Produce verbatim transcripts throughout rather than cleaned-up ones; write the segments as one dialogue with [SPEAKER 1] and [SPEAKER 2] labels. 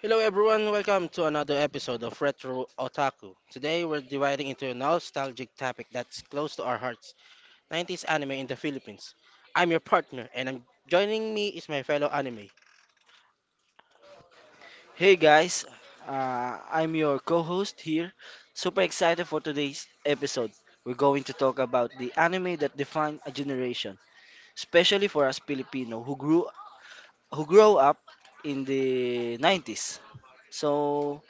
[SPEAKER 1] Hello everyone, welcome to another episode of Retro Otaku. Today we're dividing into a nostalgic topic that's close to our hearts, nineties anime in the Philippines. I'm your partner and I'm joining me is my fellow anime.
[SPEAKER 2] Hey guys, uh, I'm your co host here. Super excited for today's episode. We're going to talk about the anime that defined a generation, especially for us Filipino who grew who grow up in the nineties. So,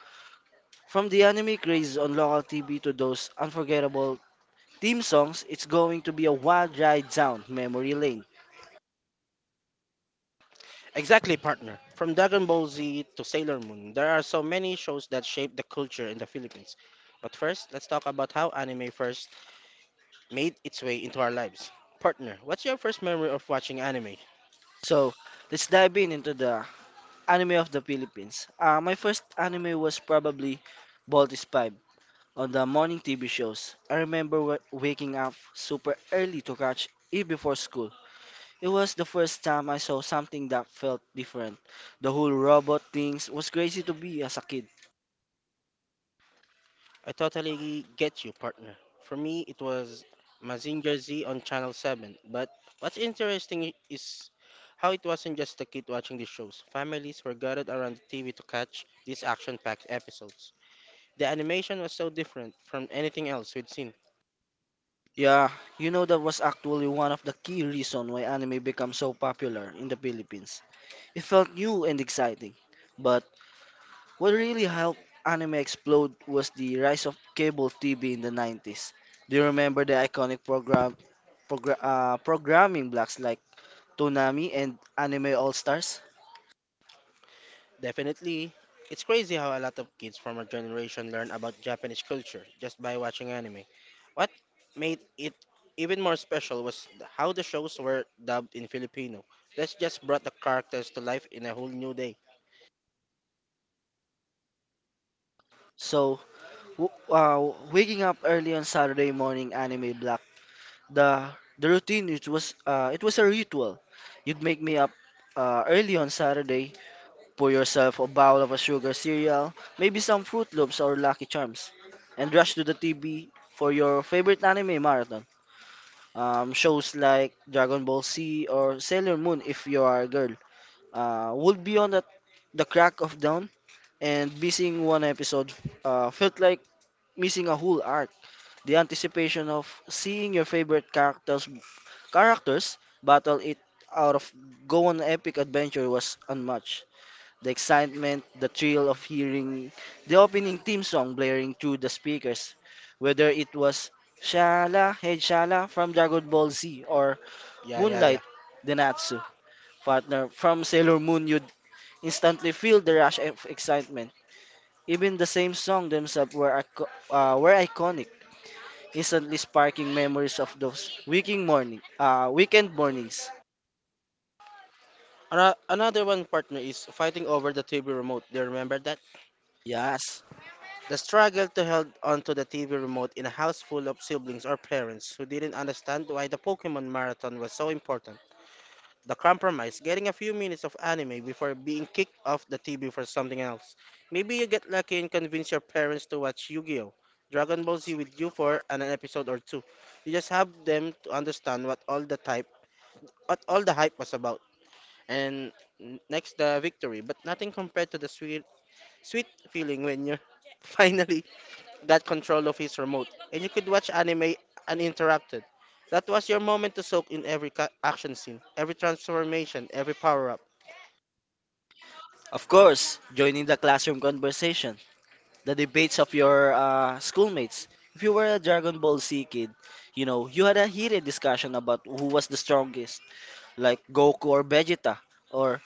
[SPEAKER 2] from the anime crazes on local T V to those unforgettable theme songs, it's going to be a wild ride down memory lane.
[SPEAKER 1] Exactly, partner. From Dragon Ball Z to Sailor Moon, there are so many shows that shape the culture in the Philippines. But first, let's talk about how anime first made its way into our lives. Partner, what's your first memory of watching anime?
[SPEAKER 2] So, let's dive in into the anime of the Philippines. Uh, my first anime was probably Bolt is on the morning T V shows. I remember w- waking up super early to catch E before school. It was the first time I saw something that felt different. The whole robot things was crazy to be as a kid.
[SPEAKER 1] I totally get you, partner. For me, it was Mazinger Z on Channel seven. But what's interesting is how it wasn't just the kid watching the shows. Families were gathered around the T V to catch these action-packed episodes. The animation was so different from anything else we'd seen.
[SPEAKER 2] Yeah, you know that was actually one of the key reason why anime became so popular in the Philippines. It felt new and exciting. But what really helped anime explode was the rise of cable T V in the nineties. Do you remember the iconic program progra- uh, programming blocks like Toonami, and Anime All Stars.
[SPEAKER 1] Definitely, it's crazy how a lot of kids from our generation learn about Japanese culture just by watching anime. What made it even more special was th- how the shows were dubbed in Filipino. That's just brought the characters to life in a whole new day.
[SPEAKER 2] So, w- uh, waking up early on Saturday morning, Anime block. The the routine it was uh, it was a ritual. You'd make me up uh, early on Saturday, pour yourself a bowl of a sugar cereal, maybe some Fruit Loops or Lucky Charms, and rush to the T V for your favorite anime marathon. Um, shows like Dragon Ball Z or Sailor Moon, if you are a girl, uh, would be on at the crack of dawn and missing one episode uh, felt like missing a whole arc. The anticipation of seeing your favorite characters characters battle it out of go on epic adventure was unmatched. The excitement, the thrill of hearing the opening theme song blaring through the speakers, whether it was Shala Head Shala from Dragon Ball Z or
[SPEAKER 1] Yeah, yeah,
[SPEAKER 2] Moonlight
[SPEAKER 1] yeah.
[SPEAKER 2] Denatsu partner from Sailor Moon, you'd instantly feel the rush of excitement even the same song themselves were, ico- uh, were iconic, instantly sparking memories of those weekend morning, uh, weekend mornings.
[SPEAKER 1] Ano- Another one, partner, is fighting over the T V remote. Do you remember that?
[SPEAKER 2] Yes,
[SPEAKER 1] The struggle to hold onto the T V remote in a house full of siblings or parents who didn't understand why the Pokemon marathon was so important. The compromise, getting a few minutes of anime before being kicked off the T V for something else. Maybe you get lucky and convince your parents to watch Yu-Gi-Oh! Dragon Ball Z with you for an episode or two. You just have them to understand what all the type what all the hype was about. And n- next the victory, but nothing compared to the sweet sweet feeling when you finally got control of his remote and you could watch anime uninterrupted. That was your moment to soak in every ca- action scene, every transformation, every power up.
[SPEAKER 2] of course, joining the classroom conversation, the debates of your uh, schoolmates. If you were a Dragon Ball Z kid, you know, you had a heated discussion about who was the strongest, like Goku or Vegeta, or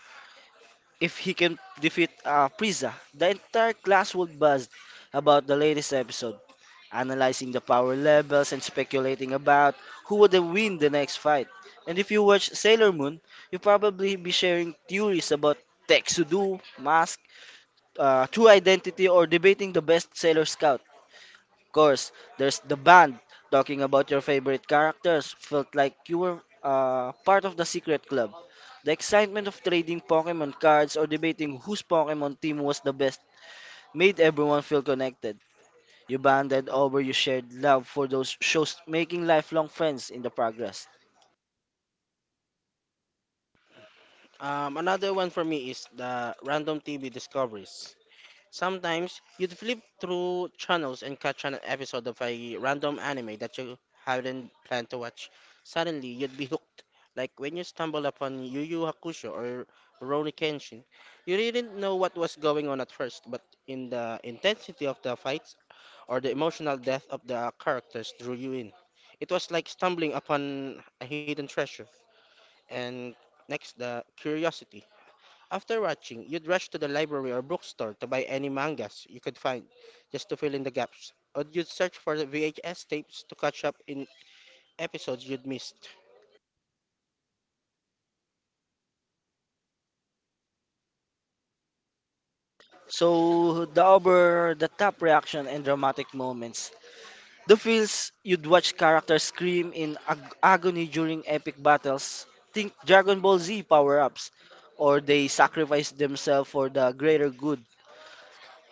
[SPEAKER 2] if he can defeat uh, Frieza. The entire class would buzz about the latest episode, analyzing the power levels, and speculating about who would win the next fight. And if you watch Sailor Moon, you'll probably be sharing theories about Tetsudou, Mask, uh, True Identity, or debating the best Sailor Scout. Of course, there's the band talking about your favorite characters. Felt like you were uh, part of the secret club. The excitement of trading Pokemon cards or debating whose Pokemon team was the best made everyone feel connected. You bonded over your shared love for those shows, making lifelong friends in the progress.
[SPEAKER 1] Um, another one for me is the random T V discoveries. Sometimes you'd flip through channels and catch an episode of a random anime that you hadn't planned to watch. Suddenly, you'd be hooked. Like when you stumble upon Yu Yu Hakusho or Rurouni Kenshin. You didn't know what was going on at first, but in the intensity of the fights or the emotional depth of the characters drew you in. It was like stumbling upon a hidden treasure. And next, the curiosity. After watching, you'd rush to the library or bookstore to buy any mangas you could find just to fill in the gaps, or you'd search for the V H S tapes to catch up in episodes you'd missed.
[SPEAKER 2] So the over the top reaction and dramatic moments. The feels you'd watch characters scream in ag- agony during epic battles. Think Dragon Ball Z power ups, or they sacrifice themselves for the greater good.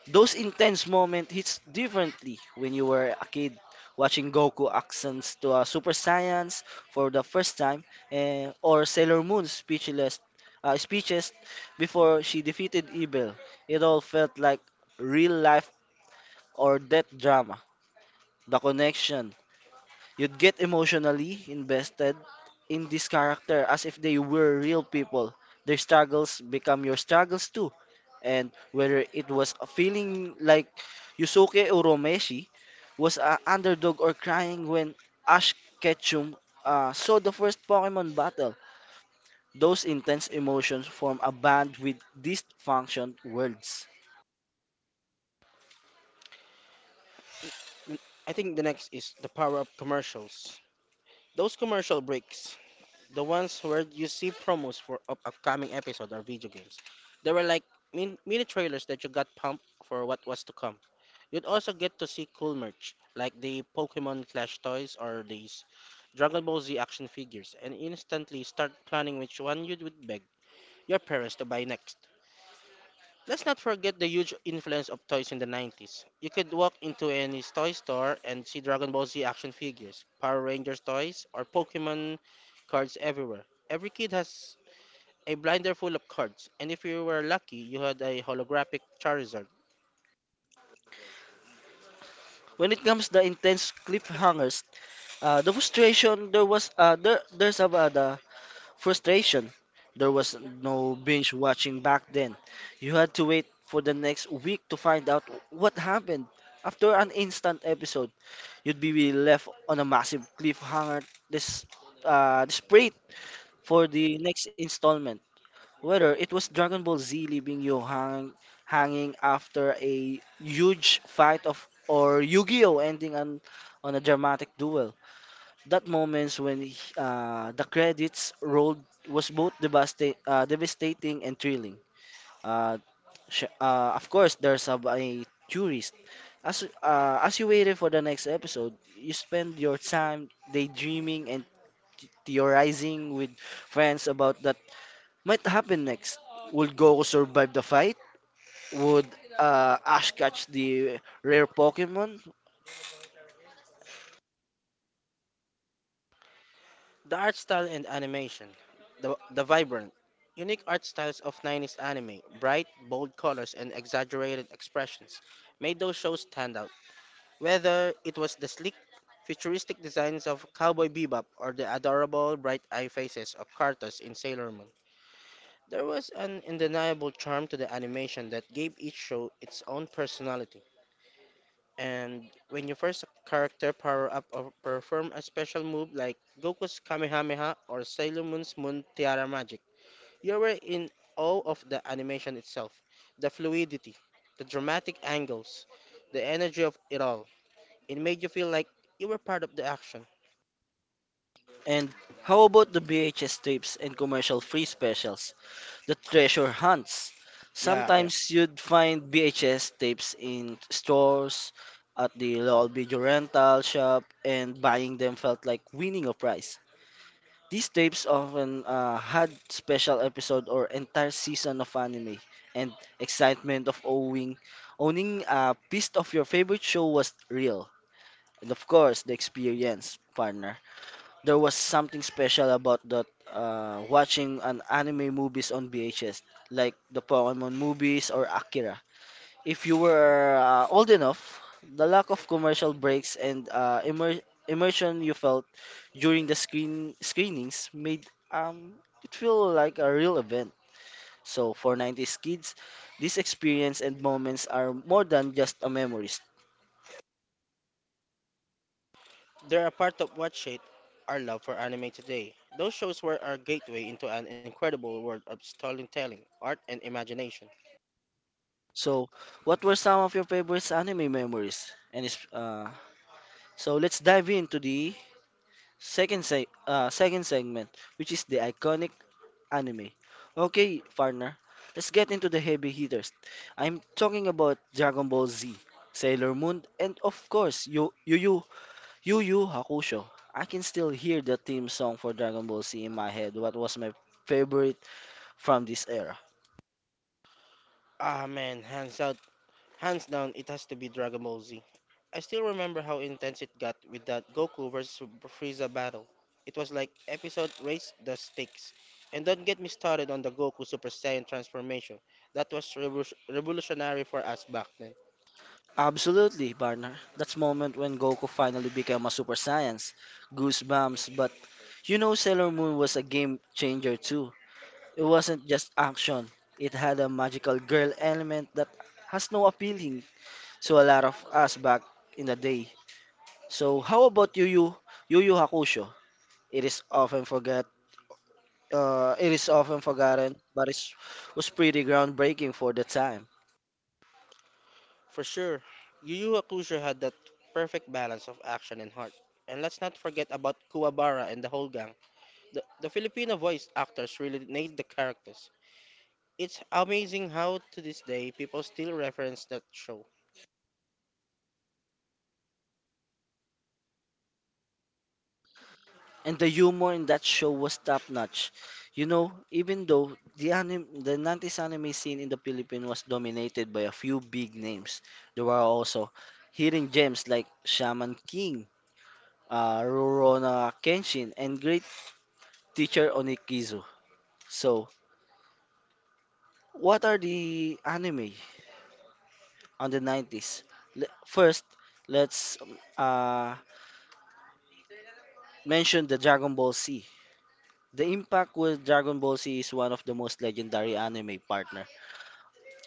[SPEAKER 2] Those intense moments hits differently when you were a kid watching Goku accents to a Super Saiyans for the first time eh, or Sailor Moon's speechless uh, speeches before she defeated evil. It all felt like real life or death drama. The connection you'd get emotionally invested in this character as if they were real people. Their struggles become your struggles too. And whether it was a feeling like Yusuke Urameshi was an underdog or crying when Ash Ketchum uh, saw the first Pokemon battle, those intense emotions form a band with dysfunction words.
[SPEAKER 1] I think the next is the power of commercials. Those commercial breaks, the ones where you see promos for up- upcoming episode or video games, they were like min- mini trailers that you got pumped for what was to come. You'd also get to see cool merch like the Pokemon plush toys or these Dragon Ball Z action figures, and instantly start planning which one you would beg your parents to buy next. Let's not forget the huge influence of toys in the nineties. You could walk into any toy store and see Dragon Ball Z action figures, Power Rangers toys, or Pokemon cards everywhere. Every kid has a blinder full of cards, and if you were lucky, you had a holographic Charizard.
[SPEAKER 2] When it comes to the intense cliffhangers, uh, the frustration there was uh, there, there's about the Frustration. There was no binge watching back then. You had to wait for the next week to find out what happened. After an instant episode, you'd be left on a massive cliffhanger this uh desperate for the next installment. Whether it was Dragon Ball Z leaving you hang, hanging after a huge fight of or Yu-Gi-Oh ending on on a dramatic duel. That moments when he- uh, the credits rolled was both devasta- uh, devastating and thrilling. Uh, sh- uh, of course, there's a, a tourist. As uh, as you waited for the next episode, you spend your time daydreaming and theorizing with friends about that might happen next. Would Goku survive the fight? Would uh, Ash catch the rare Pokemon?
[SPEAKER 1] The art style and animation. The, the vibrant, unique art styles of nineties anime, bright, bold colors, and exaggerated expressions, made those shows stand out. Whether it was the sleek, futuristic designs of Cowboy Bebop or the adorable, bright eye faces of Cartus in Sailor Moon, there was an undeniable charm to the animation that gave each show its own personality. And when you first character power up or perform a special move like Goku's Kamehameha or Sailor Moon's Moon Tiara magic, you were in awe of the animation itself, the fluidity, the dramatic angles, the energy of it all. It made you feel like you were part of the action.
[SPEAKER 2] And how about the B H S tapes and commercial free specials? The treasure hunts.
[SPEAKER 1] Yeah, I-
[SPEAKER 2] Sometimes you'd find B H S tapes in stores, at the local video rental shop, and buying them felt like winning a prize. These tapes often uh, had special episode or entire season of anime, and excitement of owning owning a piece of your favorite show was real. And of course, the experience, partner. There was something special about that uh, watching an anime movies on V H S, like the Pokemon movies or Akira. If you were uh, old enough, the lack of commercial breaks and uh, immer- immersion you felt during the screen screenings made um, it feel like a real event. So for nineties kids, these experience and moments are more than just a memories.
[SPEAKER 1] they're a part of what shaped our love for anime today. Those shows were our gateway into an incredible world of storytelling, art, and imagination.
[SPEAKER 2] So, what were some of your favorite anime memories? And is uh, So let's dive into the second se- uh, second segment, which is the iconic anime. Okay, partner, let's get into the heavy hitters. I'm talking about Dragon Ball Z, Sailor Moon, and of course, Yu Yu Yu Yu Yu Hakusho. I can still hear the theme song for Dragon Ball Z in my head. What was my favorite from this era?
[SPEAKER 1] Ah man, hands out hands down, it has to be Dragon Ball Z. I still remember how intense it got with that Goku versus Frieza battle. It was like episode Race the Stakes. And don't get me started on the Goku Super Saiyan transformation. That was revo- revolutionary for us back then.
[SPEAKER 2] Absolutely, partner. That's moment when Goku finally became a Super Saiyan. Goosebumps, but you know Sailor Moon was a game changer too. It wasn't just action. It had a magical girl element that has no appealing to a lot of us back in the day. So how about Yu Yu Yu Yu Hakusho? It is often forget uh, it is often forgotten, but it was pretty groundbreaking for the time.
[SPEAKER 1] For sure, Yu Yu Hakusho had that perfect balance of action and heart. And let's not forget about Kuwabara and the whole gang. The, the Filipino voice actors really nailed the characters. It's amazing how to this day people still reference that show.
[SPEAKER 2] And the humor in that show was top notch. You know, even though the anim- the nineties anime scene in the Philippines was dominated by a few big names, there were also hidden gems like Shaman King, uh, Rurouni Kenshin, and great teacher Onikizu. So, what are the anime on the nineties? Le- First, let's uh, mention the Dragon Ball Z. The impact with Dragon Ball Z is one of the most legendary anime partner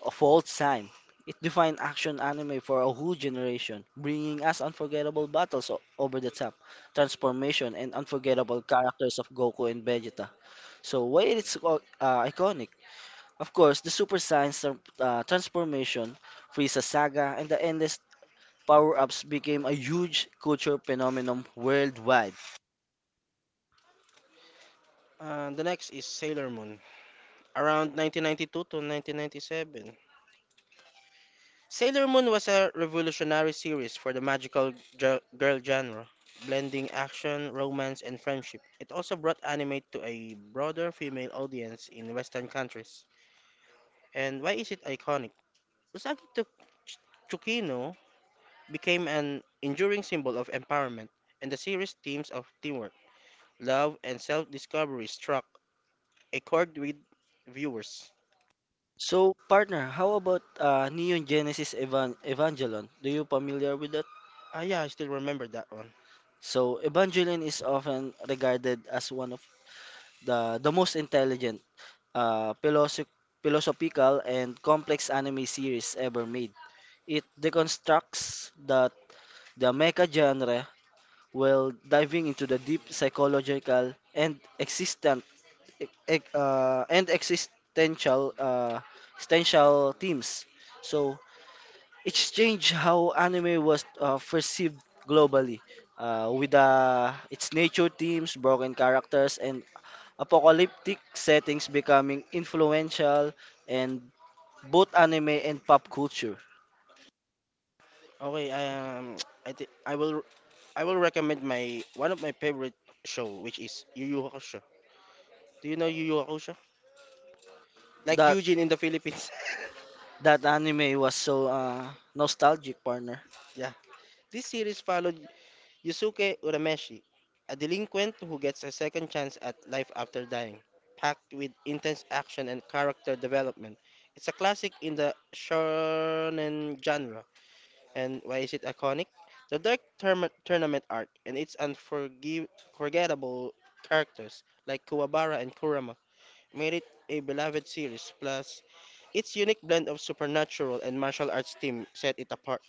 [SPEAKER 2] of all time. It defined action anime for a whole generation, bringing us unforgettable battles o- over the top, transformation, and unforgettable characters of Goku and Vegeta. So why it's uh, iconic? Of course, the Super Saiyan tran- uh, transformation, Frieza saga, and the endless power-ups became a huge culture phenomenon worldwide.
[SPEAKER 1] Uh, the next is Sailor Moon, around nineteen ninety-two to nineteen ninety-seven. Sailor Moon was a revolutionary series for the magical gir- girl genre, blending action, romance, and friendship. It also brought anime to a broader female audience in Western countries. And why is it iconic? Usagi Tok- Ch- Tsukino became an enduring symbol of empowerment, and the series' themes of teamwork, love, and self-discovery struck a chord with viewers.
[SPEAKER 2] So, partner, how about uh, Neon Genesis Evan- Evangelion? Do you familiar with that?
[SPEAKER 1] Ah, yeah, I still remember that one.
[SPEAKER 2] So, Evangelion is often regarded as one of the the most intelligent, uh, philosoph- philosophical and complex anime series ever made. It deconstructs the the mecha genre while diving into the deep psychological and existent e- e- uh, and existential uh, existential themes. So it changed how anime was uh, perceived globally, uh, with uh, its nature themes, broken characters, and apocalyptic settings becoming influential in both anime and pop culture.
[SPEAKER 1] Okay, I, um, I think I will, I will recommend my one of my favorite show, which is Yu Yu Hakusho. Do you know Yu Yu Hakusho? Like
[SPEAKER 2] That
[SPEAKER 1] Eugene in the Philippines.
[SPEAKER 2] that anime was so uh, nostalgic, partner.
[SPEAKER 1] Yeah. This series followed Yusuke Urameshi, a delinquent who gets a second chance at life after dying, packed with intense action and character development. It's a classic in the shonen genre, and why is it iconic? The dark term- tournament arc and its unforgettable characters like Kuwabara and Kurama made it a beloved series, plus its unique blend of supernatural and martial arts theme set it apart.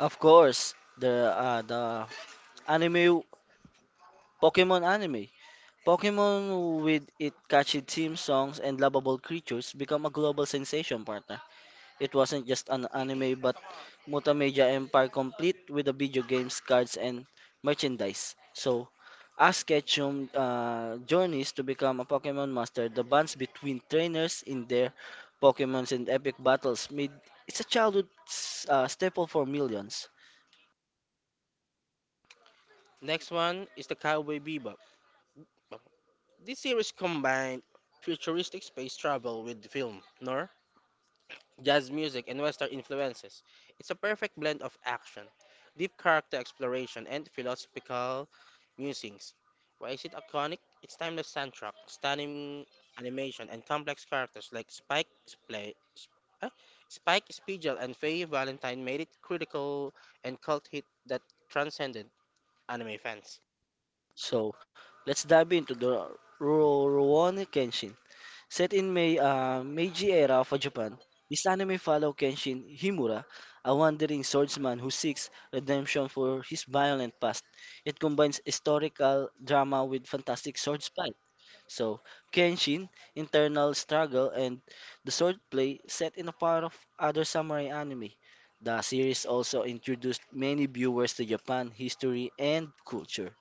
[SPEAKER 2] Of course, the uh, the anime Pokemon anime. Pokemon with its catchy theme songs and lovable creatures become a global sensation, partner. It wasn't just an anime but multimedia empire complete with the video games, cards, and merchandise. So, as Ketchum uh, journeys to become a Pokemon master, the bonds between trainers in their Pokemons and epic battles made it's a childhood s- uh, staple for millions.
[SPEAKER 1] Next one is the Cowboy Bebop. This series combined futuristic space travel with film, nor jazz music and western influences. It's a perfect blend of action, deep character exploration, and philosophical musings. Why is it iconic? Its timeless soundtrack, stunning animation, and complex characters like Spike, Splay, Sp- ah, Spike Spiegel, and Faye Valentine made it critical and cult hit that transcended anime fans.
[SPEAKER 2] So, let's dive into the Rurouni Kenshin. Set in Mei, uh, Meiji era of Japan, this anime follows Kenshin Himura, a wandering swordsman who seeks redemption for his violent past. It combines historical drama with fantastic sword fight. So, Kenshin, internal struggle, and the sword play set in a part of other samurai anime. The series also introduced many viewers to Japan history and culture.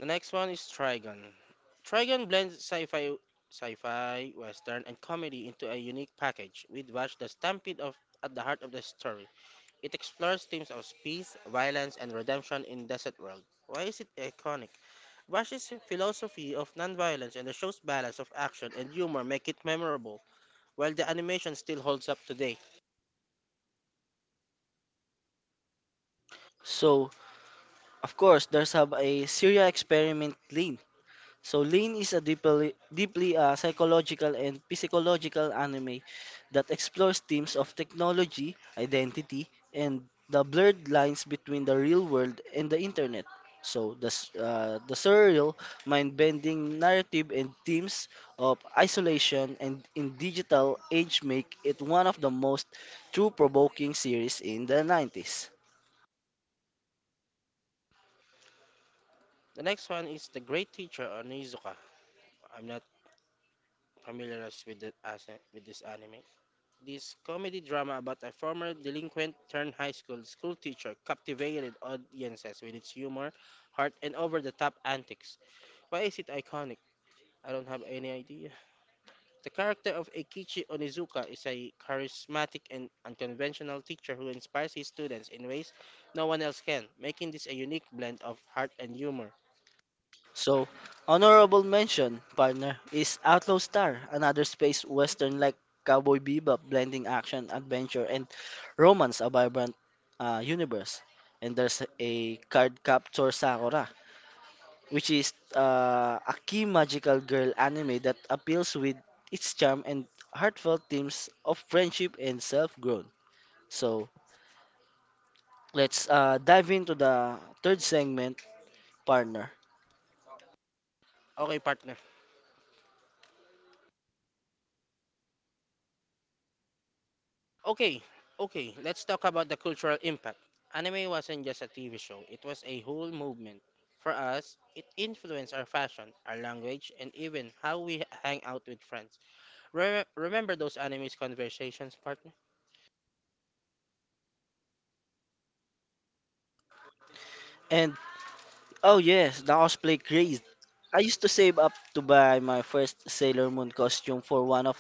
[SPEAKER 1] The next one is Trigon. Trigon blends sci-fi, sci-fi, western, and comedy into a unique package with Watch the Stampede of at the heart of the story. It explores themes of peace, violence, and redemption in desert world. Why is it iconic? Wash's philosophy of nonviolence and the show's balance of action and humor make it memorable, while the animation still holds up today.
[SPEAKER 2] So, of course, there's have a serial experiment lane. So Lane is a deeply, deeply uh, psychological and physiological anime that explores themes of technology, identity, and the blurred lines between the real world and the internet. So the, s- uh, the surreal, mind-bending narrative and themes of isolation and in digital age make it one of the most true provoking series in the nineties.
[SPEAKER 1] The next one is The Great Teacher Onizuka. I'm not familiarized with, the, as, with this anime. This comedy drama about a former delinquent turned high school school teacher captivated audiences with its humor, heart, and over the top antics. Why is it iconic? I don't have any idea. The character of Eikichi Onizuka is a charismatic and unconventional teacher who inspires his students in ways no one else can, making this a unique blend of heart and humor.
[SPEAKER 2] So, honorable mention, partner, is Outlaw Star, another space western like Cowboy Bebop, blending action, adventure, and romance, a vibrant uh, universe. And there's a card capture Sakura, which is uh, a key magical girl anime that appeals with its charm and heartfelt themes of friendship and self-growth. So, let's uh, dive into the third segment, partner.
[SPEAKER 1] Okay, partner. Okay, okay, let's talk about the cultural impact. Anime wasn't just a T V show, it was a whole movement. For us, it influenced our fashion, our language, and even how we hang out with friends. Re- remember those anime conversations, partner?
[SPEAKER 2] And Oh yes, the cosplay craze. I used to save up to buy my first Sailor Moon costume for one of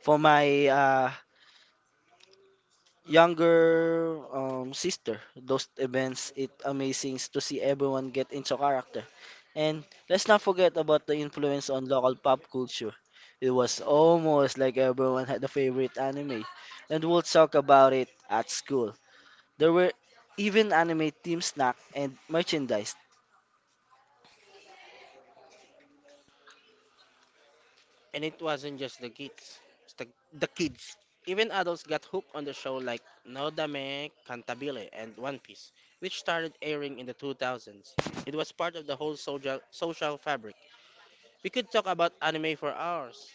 [SPEAKER 2] for my uh, younger um, sister. Those events, it amazing to see everyone get into character. And let's not forget about the influence on local pop culture. It was almost like everyone had a favorite anime, and we'll talk about it at school. There were even anime team snack and merchandise.
[SPEAKER 1] And it wasn't just the kids, it's the, the kids. Even adults got hooked on the show like No Dame, Cantabile, and One Piece, which started airing in the two thousands. It was part of the whole social, social fabric. We could talk about anime for hours.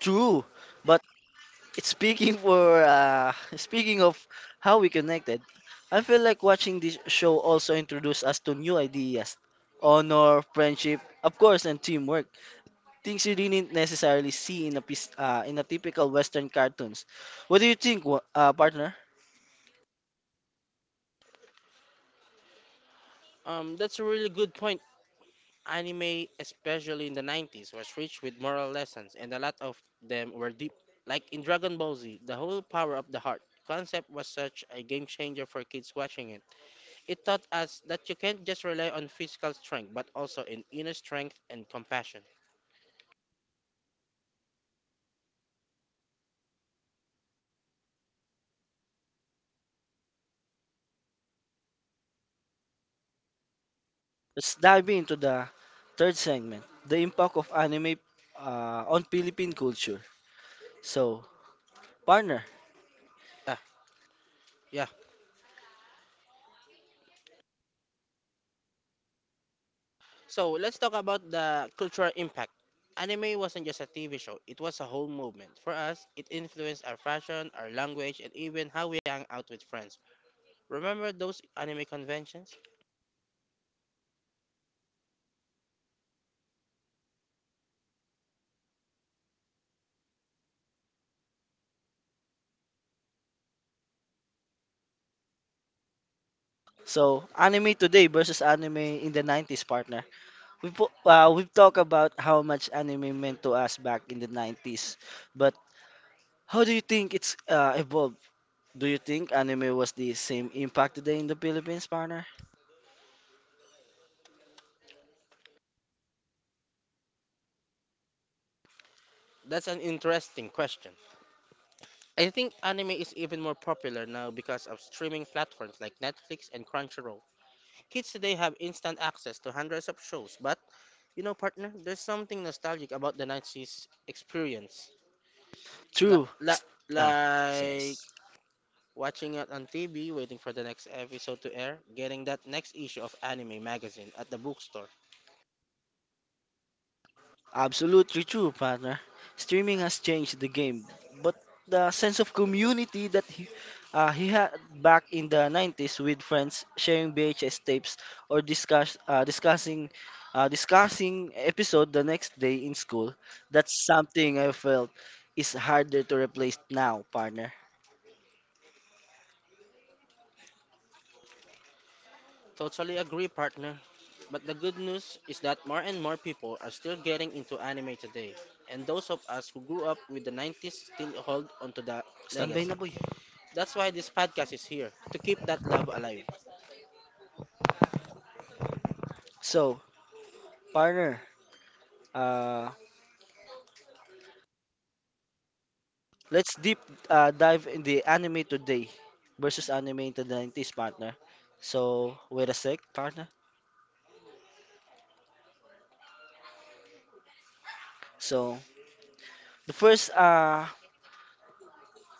[SPEAKER 2] True, but Speaking for uh, speaking of how we connected, I feel like watching this show also introduced us to new ideas, honor, friendship, of course, and teamwork. Things you didn't necessarily see in a piece, uh, in a typical Western cartoons. What do you think, wa- uh, partner?
[SPEAKER 1] Um, that's a really good point. Anime, especially in the nineties, was rich with moral lessons, and a lot of them were deep. Like in Dragon Ball Z, the whole power of the heart concept was such a game changer for kids watching it. It taught us that you can't just rely on physical strength, but also in inner strength and compassion.
[SPEAKER 2] Let's dive into the third segment, the impact of anime uh, on Philippine culture. So, partner,
[SPEAKER 1] Yeah, yeah. So let's talk about the cultural impact. Anime wasn't just a T V show, it was a whole movement. For us, it influenced our fashion, our language, and even how we hang out with friends. Remember those anime conventions?
[SPEAKER 2] so anime today versus anime in the nineties, partner. We've po- uh, we've talked about how much anime meant to us back in the nineties, but how do you think it's uh, evolved? Do you think anime was the same impact today in the Philippines, partner?
[SPEAKER 1] That's an interesting question. I think anime is even more popular now because of streaming platforms like Netflix and Crunchyroll. Kids today have instant access to hundreds of shows, but you know, partner, there's something nostalgic about the nineties experience. La
[SPEAKER 2] True.
[SPEAKER 1] la
[SPEAKER 2] Ah,
[SPEAKER 1] like
[SPEAKER 2] yes.
[SPEAKER 1] watching it on T V, waiting for the next episode to air, getting that next issue of anime magazine at the bookstore.
[SPEAKER 2] Absolutely true, partner. Streaming has changed the game, but the sense of community that he, uh, he had back in the nineties with friends sharing V H S tapes or discuss, uh, discussing uh, discussing episode the next day in school, that's something I felt is harder to replace now, partner.
[SPEAKER 1] Totally agree, partner. But the good news is that more and more people are still getting into anime today. And those of us who grew up with the nineties still hold onto the
[SPEAKER 2] Standby na
[SPEAKER 1] legacy.
[SPEAKER 2] boy.
[SPEAKER 1] That's why this podcast is here, to keep that love alive.
[SPEAKER 2] So, partner, uh, let's deep uh, dive in the anime today versus anime in the nineties, partner. So, wait a sec, partner. So, the first, uh,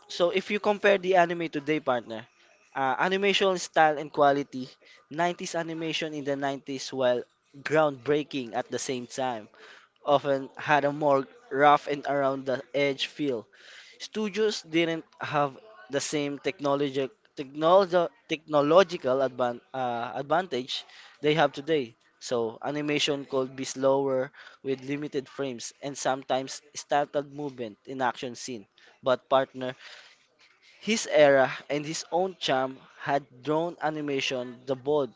[SPEAKER 2] so if you compare the anime today, partner, uh, animation style and quality, nineties animation in the nineties, while groundbreaking at the same time, often had a more rough and around the edge feel. Studios didn't have the same technology, technolog technological advan uh, advantage they have today. So animation could be slower, with limited frames and sometimes startled movement in action scene. But partner, his era and his own charm had drawn animation the bold,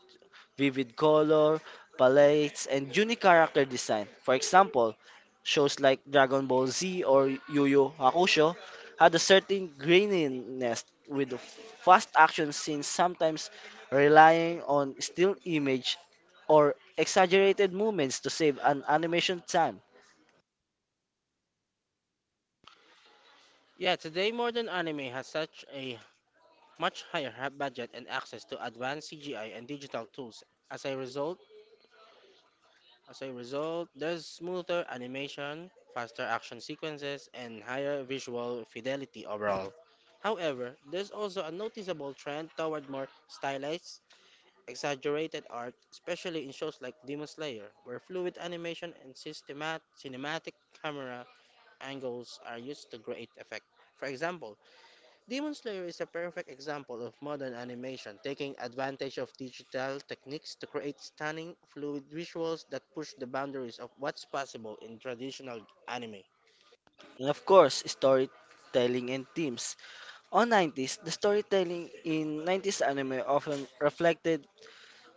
[SPEAKER 2] vivid color palettes, and unique character design. For example, shows like Dragon Ball Z or Yu Yu Hakusho had a certain graininess, with the fast action scenes sometimes relying on still image or exaggerated movements to save an animation time.
[SPEAKER 1] Yeah, today Modern Anime has such a much higher ha- budget and access to advanced C G I and digital tools. As a result, as a result, there's smoother animation, faster action sequences, and higher visual fidelity overall. However, there's also a noticeable trend toward more stylized, exaggerated art, especially in shows like Demon Slayer, where fluid animation and systemat- cinematic camera angles are used to great effect. For example, Demon Slayer is a perfect example of modern animation taking advantage of digital techniques to create stunning, fluid visuals that push the boundaries of what's possible in traditional anime.
[SPEAKER 2] And of course, storytelling and themes. On nineties, the storytelling in nineties anime often reflected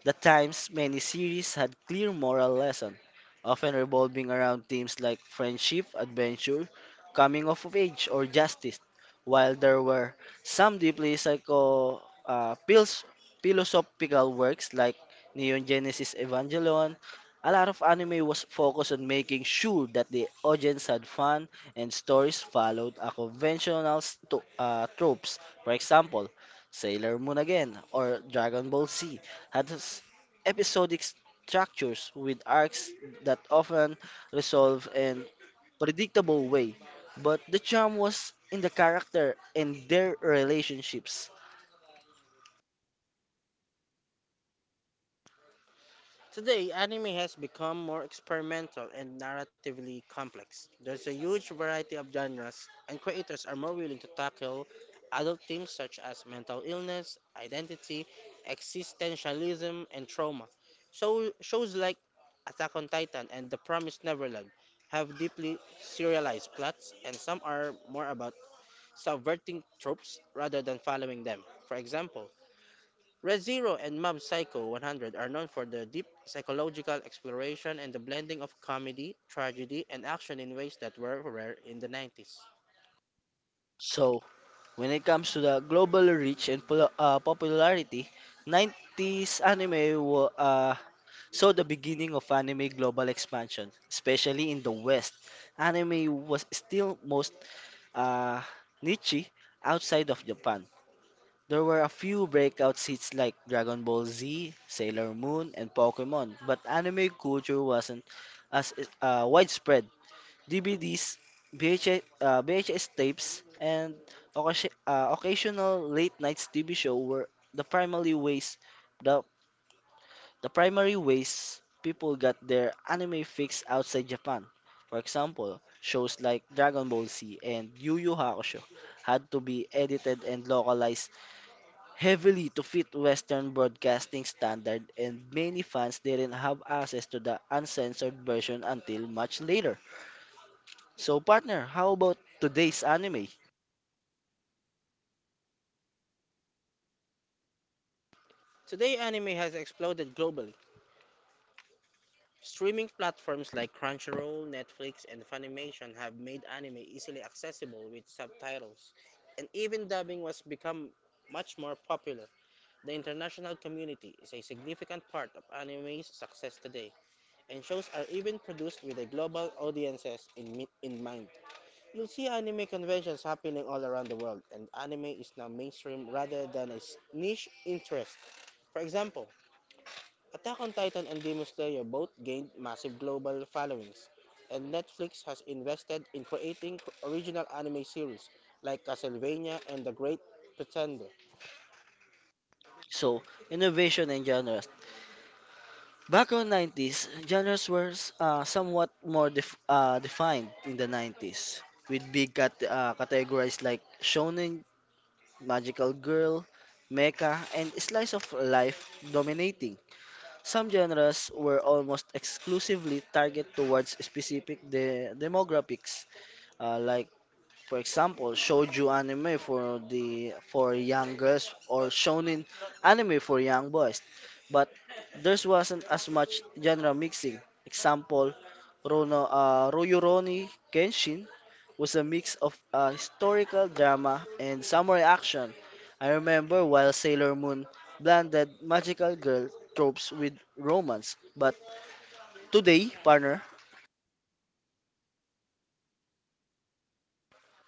[SPEAKER 2] the times. Many series had clear moral lessons, often revolving around themes like friendship, adventure, coming of age, or justice, while there were some deeply psycho, uh, phils- philosophical works like Neon Genesis Evangelion. A lot of anime was focused on making sure that the audience had fun, and stories followed a conventional sto- uh, tropes. For example, Sailor Moon again or Dragon Ball Z adds episodic structures with arcs that often resolve in predictable way. But the charm was in the character and their relationships.
[SPEAKER 1] Today, anime has become more experimental and narratively complex. There's a huge variety of genres, and creators are more willing to tackle adult themes such as mental illness, identity, existentialism, and trauma. So, shows like Attack on Titan and The Promised Neverland have deeply serialized plots, and some are more about subverting tropes rather than following them. For example, Red Zero and Mob Psycho one hundred are known for their deep psychological exploration and the blending of comedy, tragedy, and action in ways that were rare in the nineties.
[SPEAKER 2] So, when it comes to the global reach and pol- uh, popularity, nineties anime wa- uh, saw the beginning of anime global expansion, especially in the West. Anime was still most uh, niche outside of Japan. There were a few breakout hits like Dragon Ball Z, Sailor Moon, and Pokemon, but anime culture wasn't as uh, widespread. D V Ds, V H S, uh, V H S tapes, and occasi- uh, occasional late-night T V show were the primary ways the, the primary ways people got their anime fix outside Japan. For example, shows like Dragon Ball Z and Yu Yu Hakusho had to be edited and localized heavily to fit Western broadcasting standard, and many fans didn't have access to the uncensored version until much later. So partner, how about today's anime?
[SPEAKER 1] Today, anime has exploded globally. Streaming platforms like Crunchyroll, Netflix, and Funimation have made anime easily accessible with subtitles, and even dubbing was become much more popular. The international community is a significant part of anime's success today, and shows are even produced with a global audiences in, mi- in mind. You'll see anime conventions happening all around the world, and anime is now mainstream rather than a s- niche interest. For example, Attack on Titan and Demon Slayer both gained massive global followings, and Netflix has invested in creating original anime series like Castlevania and The Great Pretender.
[SPEAKER 2] So, innovation and genres. Back in nineties, genres were uh, somewhat more def- uh, defined in the nineties, with big cat- uh, categories like shonen, magical girl, mecha, and slice of life dominating. Some genres were almost exclusively targeted towards specific de demographics, uh, like, for example, shoujo anime for the for young girls or shonen anime for young boys. But there wasn't as much genre mixing. Example, Rono, uh, Rurouni Kenshin was a mix of uh, historical drama and samurai action. I remember while Sailor Moon blended magical girl tropes with romance. But today, partner.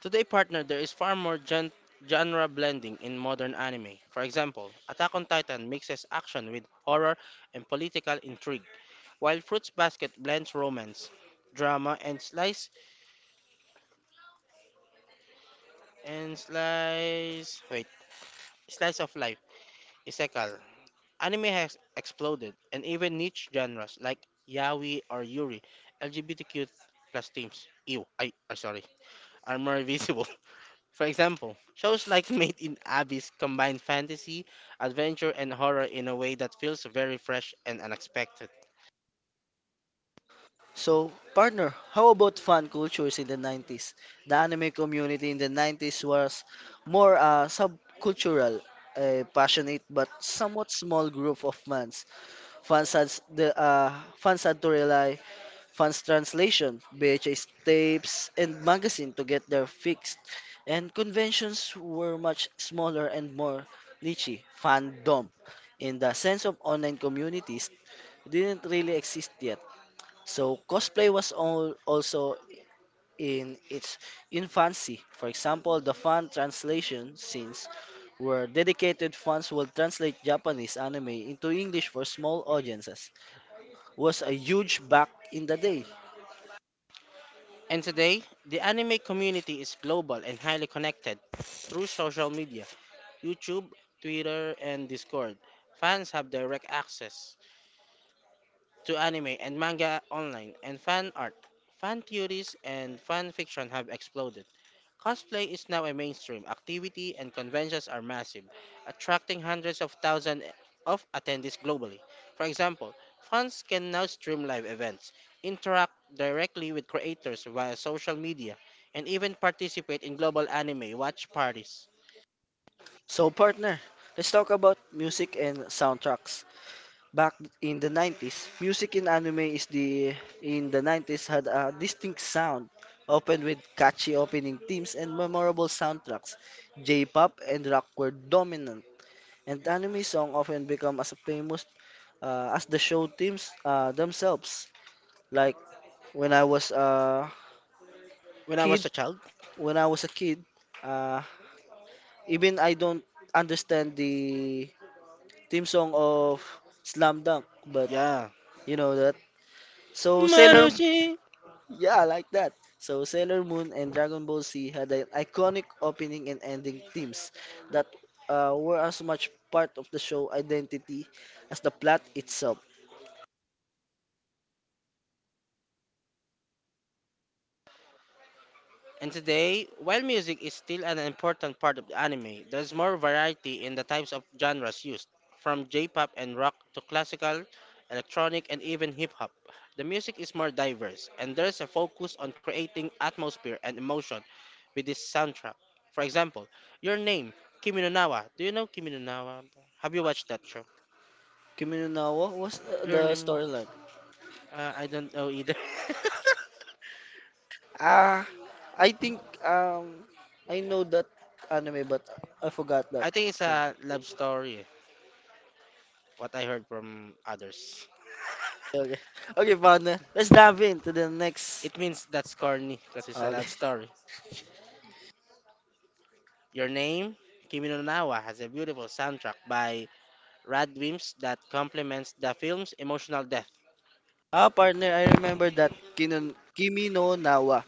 [SPEAKER 1] Today, partner, there is far more gen- genre blending in modern anime. For example, Attack on Titan mixes action with horror and political intrigue, while Fruits Basket blends romance, drama, and slice and slice wait slice of life. Isekai. Anime has exploded, and even niche genres like yaoi or yuri, L G B T Q plus themes, ew, I, I sorry, are more visible. For example, shows like Made in Abyss combine fantasy, adventure, and horror in a way that feels very fresh and unexpected.
[SPEAKER 2] So, partner, how about fan cultures in the nineties? The anime community in the nineties was more uh, subcultural, a passionate but somewhat small group of fans. Fans had s- the uh, fans had to rely fans translation, V H S tapes, and magazine to get their fix. And conventions were much smaller and more niche. Fandom, in the sense of online communities, didn't really exist yet. So cosplay was all also in its infancy. For example, the fan translation scenes where dedicated fans will translate Japanese anime into English for small audiences was a huge back in the day.
[SPEAKER 1] And today, the anime community is global and highly connected through social media, YouTube, Twitter, and Discord. Fans have direct access to anime and manga online, and fan art, fan theories, and fan fiction have exploded. Cosplay is now a mainstream activity and conventions are massive, attracting hundreds of thousands of attendees globally. For example, fans can now stream live events, interact directly with creators via social media, and even participate in global anime watch parties.
[SPEAKER 2] So partner, let's talk about music and soundtracks. Back in the nineties, music in anime is the in the nineties had a distinct sound, often with catchy opening themes and memorable soundtracks. J-pop and rock were dominant, and anime songs often become as famous uh, as the show themes uh, themselves. Like when I was a
[SPEAKER 1] When I
[SPEAKER 2] kid,
[SPEAKER 1] was a child,
[SPEAKER 2] when I was a kid, uh, even I don't understand the theme song of Slam Dunk, but
[SPEAKER 1] yeah.
[SPEAKER 2] you know that. So Sailor
[SPEAKER 1] Marushi!
[SPEAKER 2] Yeah, I like that. So Sailor Moon and Dragon Ball Z had an iconic opening and ending themes that uh, were as much part of the show identity as the plot itself.
[SPEAKER 1] And today, while music is still an important part of the anime, there's more variety in the types of genres used, from J-pop and rock to classical, electronic, and even hip-hop. The music is more diverse, and there's a focus on creating atmosphere and emotion with this soundtrack. For example, Your Name, Kimi no Na wa. Do you know Kimi no Na wa? Have you watched that show?
[SPEAKER 2] Kimi no Na wa was uh,
[SPEAKER 1] Your
[SPEAKER 2] the
[SPEAKER 1] Name,
[SPEAKER 2] storyline.
[SPEAKER 1] uh, I don't know either.
[SPEAKER 2] Ah, I think um I know that anime, but I forgot that.
[SPEAKER 1] I think it's a love story, what I heard from others.
[SPEAKER 2] Okay. Okay, partner. Let's dive into the next.
[SPEAKER 1] It means that's corny because it's a
[SPEAKER 2] Okay.
[SPEAKER 1] love story. Your name, Kimi no Nawa, has a beautiful soundtrack by Radwimps that complements the film's emotional depth.
[SPEAKER 2] Ah, partner, I remember that Kinon, Kimi no Nawa.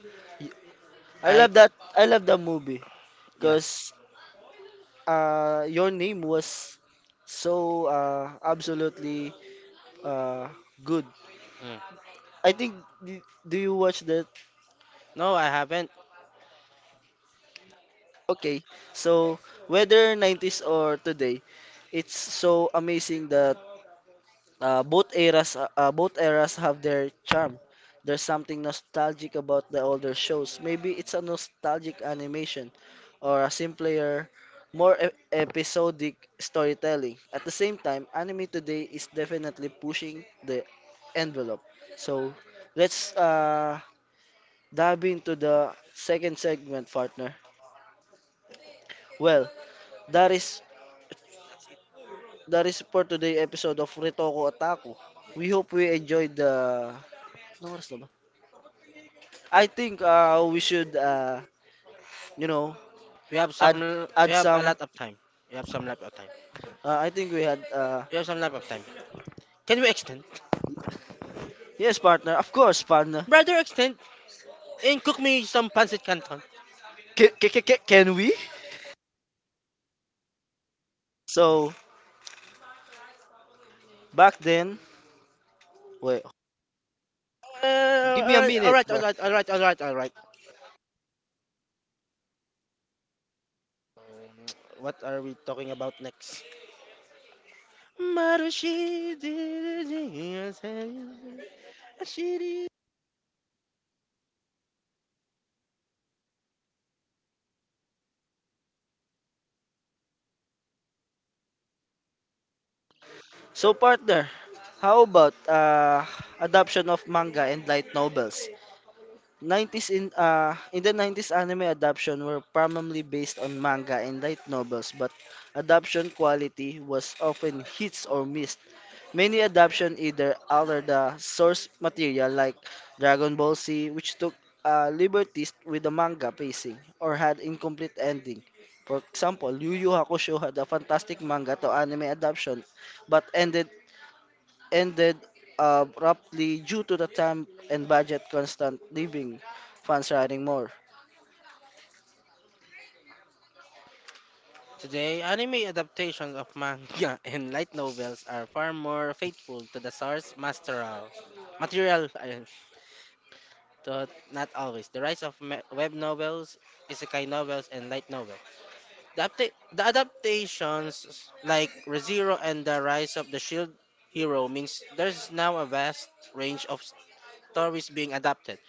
[SPEAKER 2] I love
[SPEAKER 1] Like,
[SPEAKER 2] that. I love the movie
[SPEAKER 1] yeah.
[SPEAKER 2] because uh, your name was so uh, absolutely uh, good,
[SPEAKER 1] Mm.
[SPEAKER 2] I think. d- Do you watch that?
[SPEAKER 1] No, I haven't.
[SPEAKER 2] Okay. So whether nineties or today, it's so amazing that Uh, both eras, uh, uh, both eras have their charm. There's something nostalgic about the older shows. Maybe it's a nostalgic animation, or a simpler, more e- episodic storytelling. At the same time, anime today is definitely pushing the envelope. So, let's uh, dive into the second segment, partner. Well, that is that is for today episode of Ritoko Otaku. We hope we enjoyed the Ano oras na ba? I think uh, we should, uh, you know,
[SPEAKER 1] We have
[SPEAKER 2] add
[SPEAKER 1] some. l- We
[SPEAKER 2] add
[SPEAKER 1] have a
[SPEAKER 2] some.
[SPEAKER 1] lot of time. We have some lap of time.
[SPEAKER 2] Uh, I think we had. Uh,
[SPEAKER 1] We have some lap of time. Can we extend,
[SPEAKER 2] yes, partner. Of course, partner.
[SPEAKER 1] brother? Extend and cook me some pancit canton.
[SPEAKER 2] Can, can, can we? So back then, wait. Give
[SPEAKER 1] Uh,
[SPEAKER 2] me
[SPEAKER 1] all
[SPEAKER 2] a
[SPEAKER 1] right, all
[SPEAKER 2] minute,
[SPEAKER 1] right,
[SPEAKER 2] bro.
[SPEAKER 1] all right, all right, all right. Um, What are we talking about next? Marushi did it, yes, eh,
[SPEAKER 2] So partner, how about uh, adaption of manga and light novels? nineties, in uh in the nineties anime adaption were primarily based on manga and light novels, but adaption quality was often hits or miss. Many adaptations either alter the source material like Dragon Ball Z, which took uh, liberties with the manga pacing, or had incomplete ending. For example, Yu Yu Hakusho had a fantastic manga to anime adaptation, but ended ended abruptly due to the time and budget constant, leaving fans writing more.
[SPEAKER 1] today, anime adaptations of manga and light novels are far more faithful to the source material. Material, ayun, to not always. The rise of me- web novels, isekai novels, and light novels. The, apta- the adaptations like ReZero and the rise of the shield hero means there's now a vast range of stories being adapted.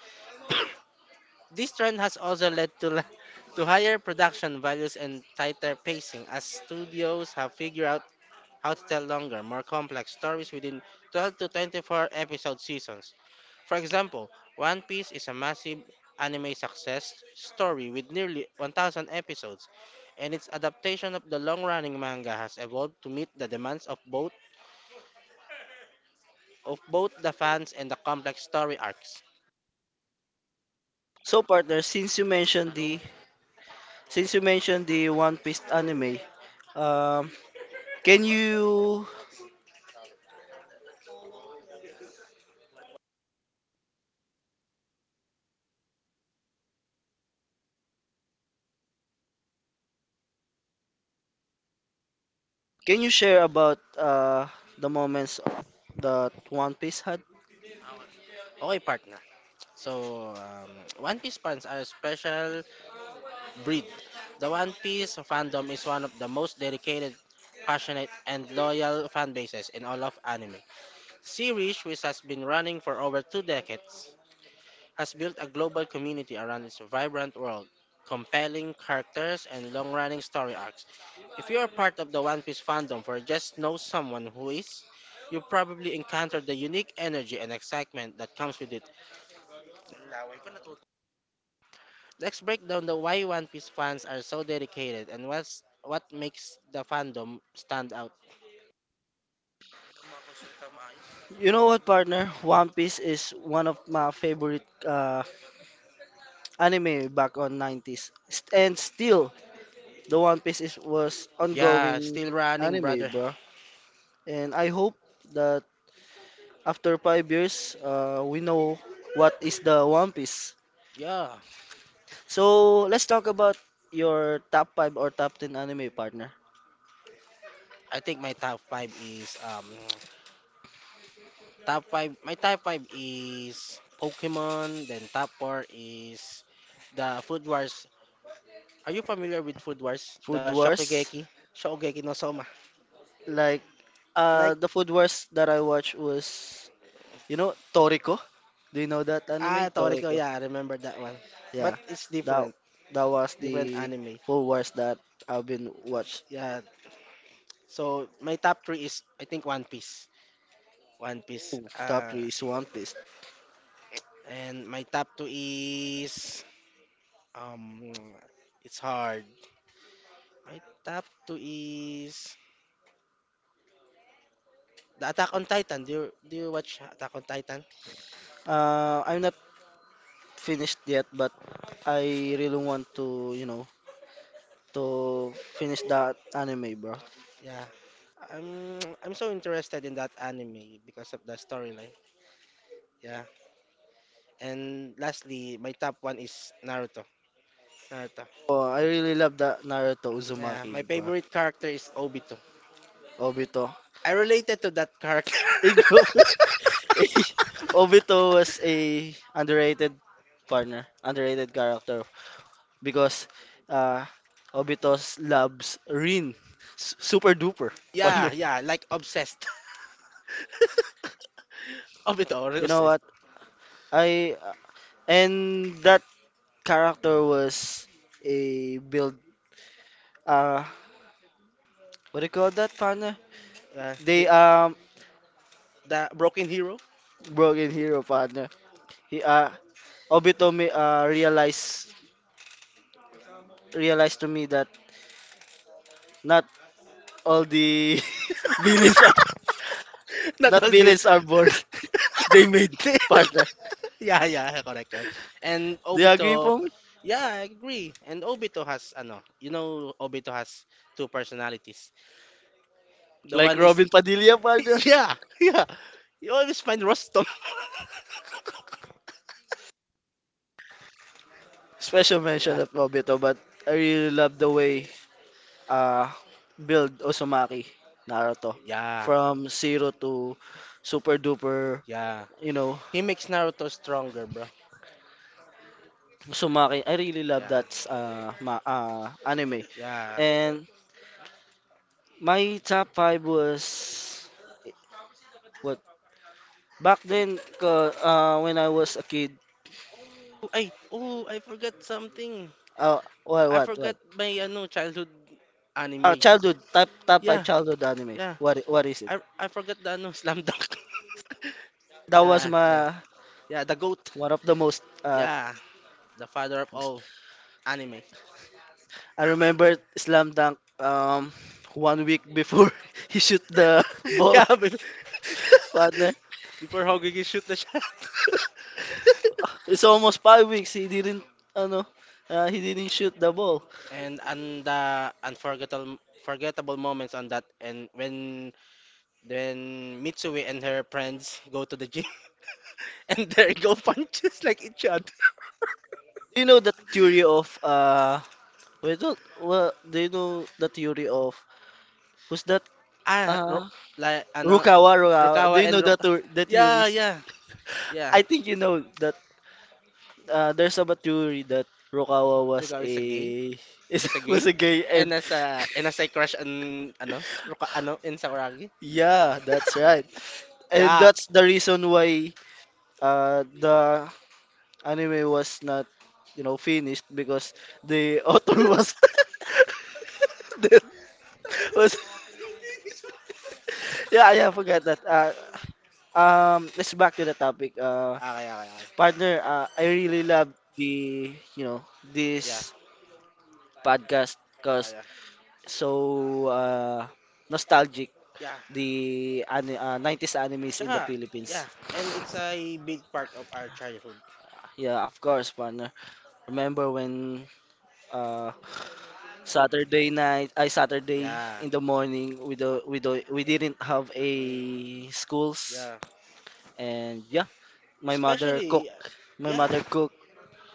[SPEAKER 1] This trend has also led to la- to higher production values and tighter pacing as studios have figured out how to tell longer, more complex stories within twelve to twenty-four episode seasons. For example, One Piece is a massive anime success story with nearly one thousand episodes, and its adaptation of the long-running manga has evolved to meet the demands of both of both the fans and the complex story arcs.
[SPEAKER 2] So partner, since you mentioned the since you mentioned the One Piece anime, um, can you Can you share about uh, the moments that One Piece had?
[SPEAKER 1] Okay, partner. So, um, One Piece fans are a special breed. The One Piece fandom is one of the most dedicated passionate and loyal fan bases in all of anime. Series, which has been running for over two decades, has built a global community around its vibrant world, compelling characters, and long running story arcs. If you are part of the One Piece fandom or just know someone who is, you probably encountered the unique energy and excitement that comes with it. Let's break down the why One Piece fans are so dedicated and what's what makes the fandom stand out.
[SPEAKER 2] You know what, partner? One Piece is one of my favorite uh, anime back on nineties. St- And still, the One Piece is, was
[SPEAKER 1] Yeah,
[SPEAKER 2] ongoing
[SPEAKER 1] still running,
[SPEAKER 2] anime,
[SPEAKER 1] brother.
[SPEAKER 2] bro. And I hope that after five years, uh, we know what is the One Piece.
[SPEAKER 1] Yeah,
[SPEAKER 2] So let's talk about your top five or top ten anime, partner.
[SPEAKER 1] I think my top five is um top five, my top five is Pokemon. Then top four is the Food Wars. Are you familiar with Food Wars?
[SPEAKER 2] Food
[SPEAKER 1] The
[SPEAKER 2] Wars,
[SPEAKER 1] Shokugeki, Shokugeki no Soma.
[SPEAKER 2] like uh,
[SPEAKER 1] Like,
[SPEAKER 2] the Food Wars that I watched was. You know Toriko? Do you know that anime
[SPEAKER 1] ah, Toriko.
[SPEAKER 2] Toriko?
[SPEAKER 1] Yeah, I remember that one.
[SPEAKER 2] Yeah,
[SPEAKER 1] But it's
[SPEAKER 2] that
[SPEAKER 1] different,
[SPEAKER 2] that was
[SPEAKER 1] different
[SPEAKER 2] the
[SPEAKER 1] anime.
[SPEAKER 2] four wars that I've been watched.
[SPEAKER 1] Yeah. So my top three is I think One Piece. One Piece.
[SPEAKER 2] Ooh, top
[SPEAKER 1] Uh,
[SPEAKER 2] three is One Piece.
[SPEAKER 1] and my top two is um, it's hard. My top two is The Attack on Titan. Do you do you watch Attack on Titan?
[SPEAKER 2] Uh, I'm not finished yet, but I really want to you know to finish that anime, bro.
[SPEAKER 1] Yeah. I'm I'm so interested in that anime because of the storyline. Yeah. And lastly, my top one is Naruto. Naruto.
[SPEAKER 2] Oh, I really love that Naruto
[SPEAKER 1] Yeah,
[SPEAKER 2] Uzumaki.
[SPEAKER 1] my favorite character is Obito.
[SPEAKER 2] Obito.
[SPEAKER 1] I related to that character.
[SPEAKER 2] He grew up- Obito was a underrated partner, underrated character because uh, Obitos loves Rin, S- super duper
[SPEAKER 1] Yeah,
[SPEAKER 2] partner.
[SPEAKER 1] yeah, like obsessed. Obito or
[SPEAKER 2] You know
[SPEAKER 1] obsessed.
[SPEAKER 2] what? I uh, And that character was a build. Uh, what do you call that, partner?
[SPEAKER 1] Yeah,
[SPEAKER 2] They um
[SPEAKER 1] the broken hero.
[SPEAKER 2] broken hero partner. He uh Obito me uh realized realized to me that not all the villains are
[SPEAKER 1] Not
[SPEAKER 2] not
[SPEAKER 1] those.
[SPEAKER 2] villains are born. They made, partner.
[SPEAKER 1] Yeah, yeah, correct, correct. And
[SPEAKER 2] Do you agree
[SPEAKER 1] Obito,
[SPEAKER 2] for me?
[SPEAKER 1] yeah, I agree. And Obito has, ano, you know, Obito has two personalities. The
[SPEAKER 2] Like
[SPEAKER 1] one is,
[SPEAKER 2] Robin Padilla, partner.
[SPEAKER 1] yeah, yeah. You always find Rostom.
[SPEAKER 2] Special
[SPEAKER 1] Yeah,
[SPEAKER 2] mention of Obito, but I really love the way uh build Uzumaki Naruto
[SPEAKER 1] yeah,
[SPEAKER 2] from zero to super duper,
[SPEAKER 1] yeah.
[SPEAKER 2] you know,
[SPEAKER 1] He makes Naruto stronger, bro.
[SPEAKER 2] Uzumaki. I really love
[SPEAKER 1] Yeah,
[SPEAKER 2] that uh, ma uh anime.
[SPEAKER 1] yeah.
[SPEAKER 2] And my top five was what back then ko- uh, when I was a kid.
[SPEAKER 1] Oh, Ay, oh, I forgot something.
[SPEAKER 2] Uh, what
[SPEAKER 1] I
[SPEAKER 2] what
[SPEAKER 1] forgot
[SPEAKER 2] what?
[SPEAKER 1] my, ano, childhood
[SPEAKER 2] Uh,
[SPEAKER 1] anime.
[SPEAKER 2] childhood, top top five
[SPEAKER 1] Yeah,
[SPEAKER 2] childhood anime.
[SPEAKER 1] yeah.
[SPEAKER 2] What i- what is it?
[SPEAKER 1] I, I forgot the, ano, Slam Dunk.
[SPEAKER 2] That was
[SPEAKER 1] Yeah, yeah.
[SPEAKER 2] my
[SPEAKER 1] Yeah, the goat.
[SPEAKER 2] one of the most uh,
[SPEAKER 1] Yeah, the father of all anime.
[SPEAKER 2] I remember Slam Dunk, um one week before he shoot the ball,
[SPEAKER 1] Yeah, bef-
[SPEAKER 2] partner.
[SPEAKER 1] before Hoggy shoot the shot.
[SPEAKER 2] It's almost five weeks he didn't ano uh, he didn't shoot the ball.
[SPEAKER 1] And and the unforgettable forgettable moments on that and when when Mitsui and her friends go to the gym and there go punches like each other.
[SPEAKER 2] Do you know the theory of uh wait what well, do you know the theory of who's that,
[SPEAKER 1] Ah, Ro,
[SPEAKER 2] uh
[SPEAKER 1] like ano
[SPEAKER 2] Rukawa? Rukawa do
[SPEAKER 1] Rukawa
[SPEAKER 2] you
[SPEAKER 1] and
[SPEAKER 2] know
[SPEAKER 1] Rok,
[SPEAKER 2] the tour the
[SPEAKER 1] yeah,
[SPEAKER 2] theories?
[SPEAKER 1] yeah. Yeah.
[SPEAKER 2] I think you know that, uh, there's a theory that Rukawa was
[SPEAKER 1] Rukawa is a gay.
[SPEAKER 2] a is
[SPEAKER 1] Is a gay.
[SPEAKER 2] was a gay, and
[SPEAKER 1] And as a and as I crush on ano Ruka ano in Sakuragi.
[SPEAKER 2] yeah, that's right. And
[SPEAKER 1] Yeah.
[SPEAKER 2] that's the reason why uh, the anime was not you know finished, because the author was that was. Yeah, yeah, I forgot that. Uh, um let's back to the topic, uh
[SPEAKER 1] Okay, okay, okay.
[SPEAKER 2] partner. uh, I really love the you know
[SPEAKER 1] Yeah.
[SPEAKER 2] this podcast because
[SPEAKER 1] Ah, yeah.
[SPEAKER 2] so uh nostalgic,
[SPEAKER 1] Yeah.
[SPEAKER 2] the ani- uh, nineties animes in the
[SPEAKER 1] Tsaka,
[SPEAKER 2] Philippines.
[SPEAKER 1] yeah, and it's a big part of our childhood.
[SPEAKER 2] Yeah, of course, partner. Remember when uh. Saturday night, I Saturday
[SPEAKER 1] Yeah.
[SPEAKER 2] in the morning, we do we do we didn't have a
[SPEAKER 1] Mm,
[SPEAKER 2] schools,
[SPEAKER 1] yeah.
[SPEAKER 2] and yeah, my mother cook.
[SPEAKER 1] Especially, uh,
[SPEAKER 2] My
[SPEAKER 1] yeah.
[SPEAKER 2] mother cook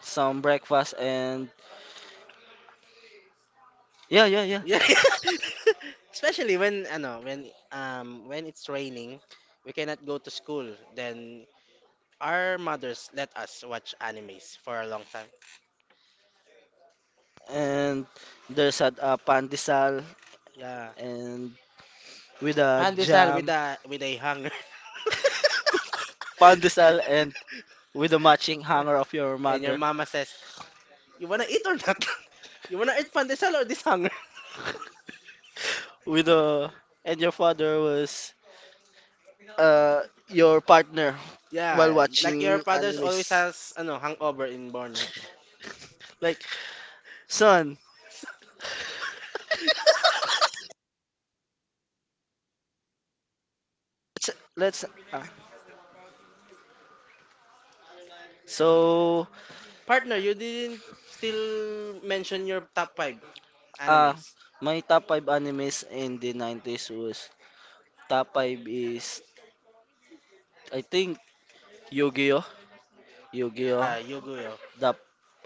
[SPEAKER 2] some breakfast, and yeah, yeah, yeah.
[SPEAKER 1] Yeah. Especially when, ano, when, um, when it's raining, we cannot go to school. Then, our mothers let us watch animes for a long time.
[SPEAKER 2] And there's a uh, pandesal
[SPEAKER 1] Yeah.
[SPEAKER 2] and with a
[SPEAKER 1] Pandesal with
[SPEAKER 2] jam,
[SPEAKER 1] a, with a hunger.
[SPEAKER 2] pandesal and with the matching hanger of your
[SPEAKER 1] and your
[SPEAKER 2] mother.
[SPEAKER 1] mama says, you wanna eat or not? you wanna eat pandesal or this hunger?
[SPEAKER 2] With the And your father was uh your partner while
[SPEAKER 1] Yeah, like your
[SPEAKER 2] watching
[SPEAKER 1] father's always
[SPEAKER 2] animes.
[SPEAKER 1] has ano hangover in morning.
[SPEAKER 2] Like son.
[SPEAKER 1] S-
[SPEAKER 2] Let's let's uh, so
[SPEAKER 1] Partner, you didn't still mention your top five
[SPEAKER 2] uh
[SPEAKER 1] animes.
[SPEAKER 2] my top five animes in the nineties was top five is, I think, Yu-Gi-Oh, Yu-Gi-Oh,
[SPEAKER 1] Uh, Yu-Gi-Oh.
[SPEAKER 2] the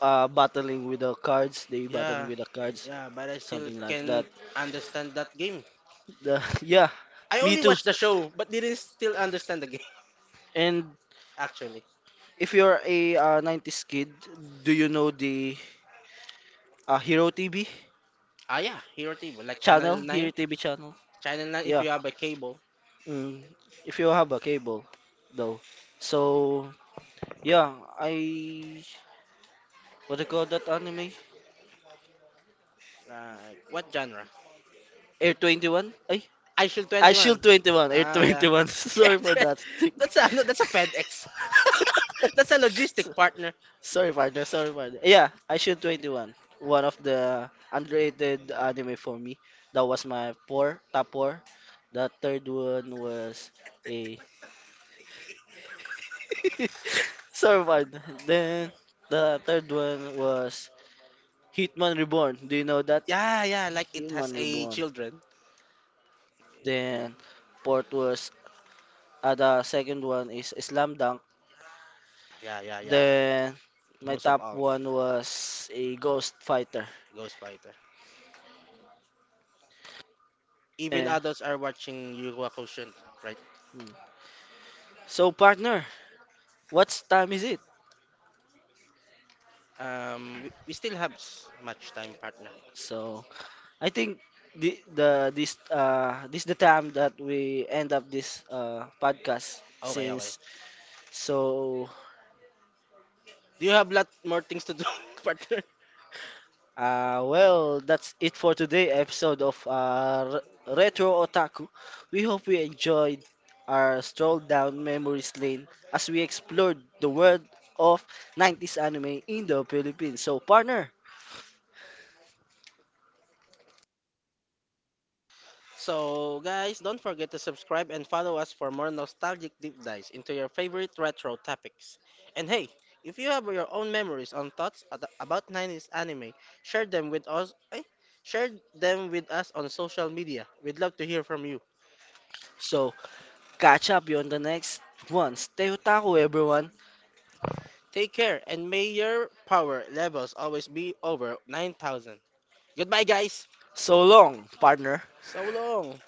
[SPEAKER 2] uh, battling with the cards, they battling
[SPEAKER 1] Yeah,
[SPEAKER 2] with the cards,
[SPEAKER 1] yeah, but I still
[SPEAKER 2] something like that.
[SPEAKER 1] can't understand that game.
[SPEAKER 2] The, yeah,
[SPEAKER 1] I
[SPEAKER 2] me
[SPEAKER 1] only
[SPEAKER 2] too.
[SPEAKER 1] watched the show, but didn't still understand the game,
[SPEAKER 2] And
[SPEAKER 1] actually.
[SPEAKER 2] if you're a uh, nineties kid, do you know the uh, Hero T V
[SPEAKER 1] Ah, yeah, Hero T V, like
[SPEAKER 2] channel?
[SPEAKER 1] Channel
[SPEAKER 2] Hero
[SPEAKER 1] nine.
[SPEAKER 2] T V channel?
[SPEAKER 1] Channel nine if
[SPEAKER 2] Yeah.
[SPEAKER 1] you have a cable.
[SPEAKER 2] Mm, if you have a cable, though. So yeah, I what do you call that anime?
[SPEAKER 1] Uh, what genre?
[SPEAKER 2] Air twenty one? I
[SPEAKER 1] I Shield
[SPEAKER 2] I Shield
[SPEAKER 1] twenty-one.
[SPEAKER 2] twenty one, Air
[SPEAKER 1] Ah, yeah.
[SPEAKER 2] twenty one. Sorry for that.
[SPEAKER 1] That's a, no, that's a FedEx. That's a logistic partner.
[SPEAKER 2] sorry for sorry for Yeah, I shoot twenty one. One One of the underrated anime for me. That was my four, top four. The third one was a sorry for Then the third one was Hitman Reborn. Do you know that?
[SPEAKER 1] Yeah, yeah, like it
[SPEAKER 2] Hitman
[SPEAKER 1] has a
[SPEAKER 2] Reborn.
[SPEAKER 1] children.
[SPEAKER 2] Then fourth was. Uh, the second one is Slam Dunk.
[SPEAKER 1] Yeah, yeah, yeah.
[SPEAKER 2] Then my
[SPEAKER 1] Most of
[SPEAKER 2] top
[SPEAKER 1] all.
[SPEAKER 2] one was a Ghost Fighter.
[SPEAKER 1] Ghost Fighter. Even
[SPEAKER 2] Eh,
[SPEAKER 1] adults are watching Yurua Koshin, right?
[SPEAKER 2] hmm. So partner, what time is it?
[SPEAKER 1] Um, we, we still have s- much time, partner.
[SPEAKER 2] So I think the the this uh this the time that we end up this uh podcast
[SPEAKER 1] Okay, okay.
[SPEAKER 2] since, so.
[SPEAKER 1] Do you have lot more things to do, partner?
[SPEAKER 2] Uh, well, that's it for today episode of uh, R- Retro Otaku. We hope you enjoyed our stroll down memories lane as we explored the world of nineties anime in the Philippines. So, partner,
[SPEAKER 1] So, guys, don't forget to subscribe and follow us for more nostalgic deep dives into your favorite retro topics. And hey, if you have your own memories on thoughts at- about nineties anime, share them with us. Eh? Share them with us on social media. We'd love to hear from you.
[SPEAKER 2] so catch up you on the next one. Stay otaku, everyone.
[SPEAKER 1] Take care and may your power levels always be over nine thousand. Goodbye, guys.
[SPEAKER 2] So long, partner.
[SPEAKER 1] So long.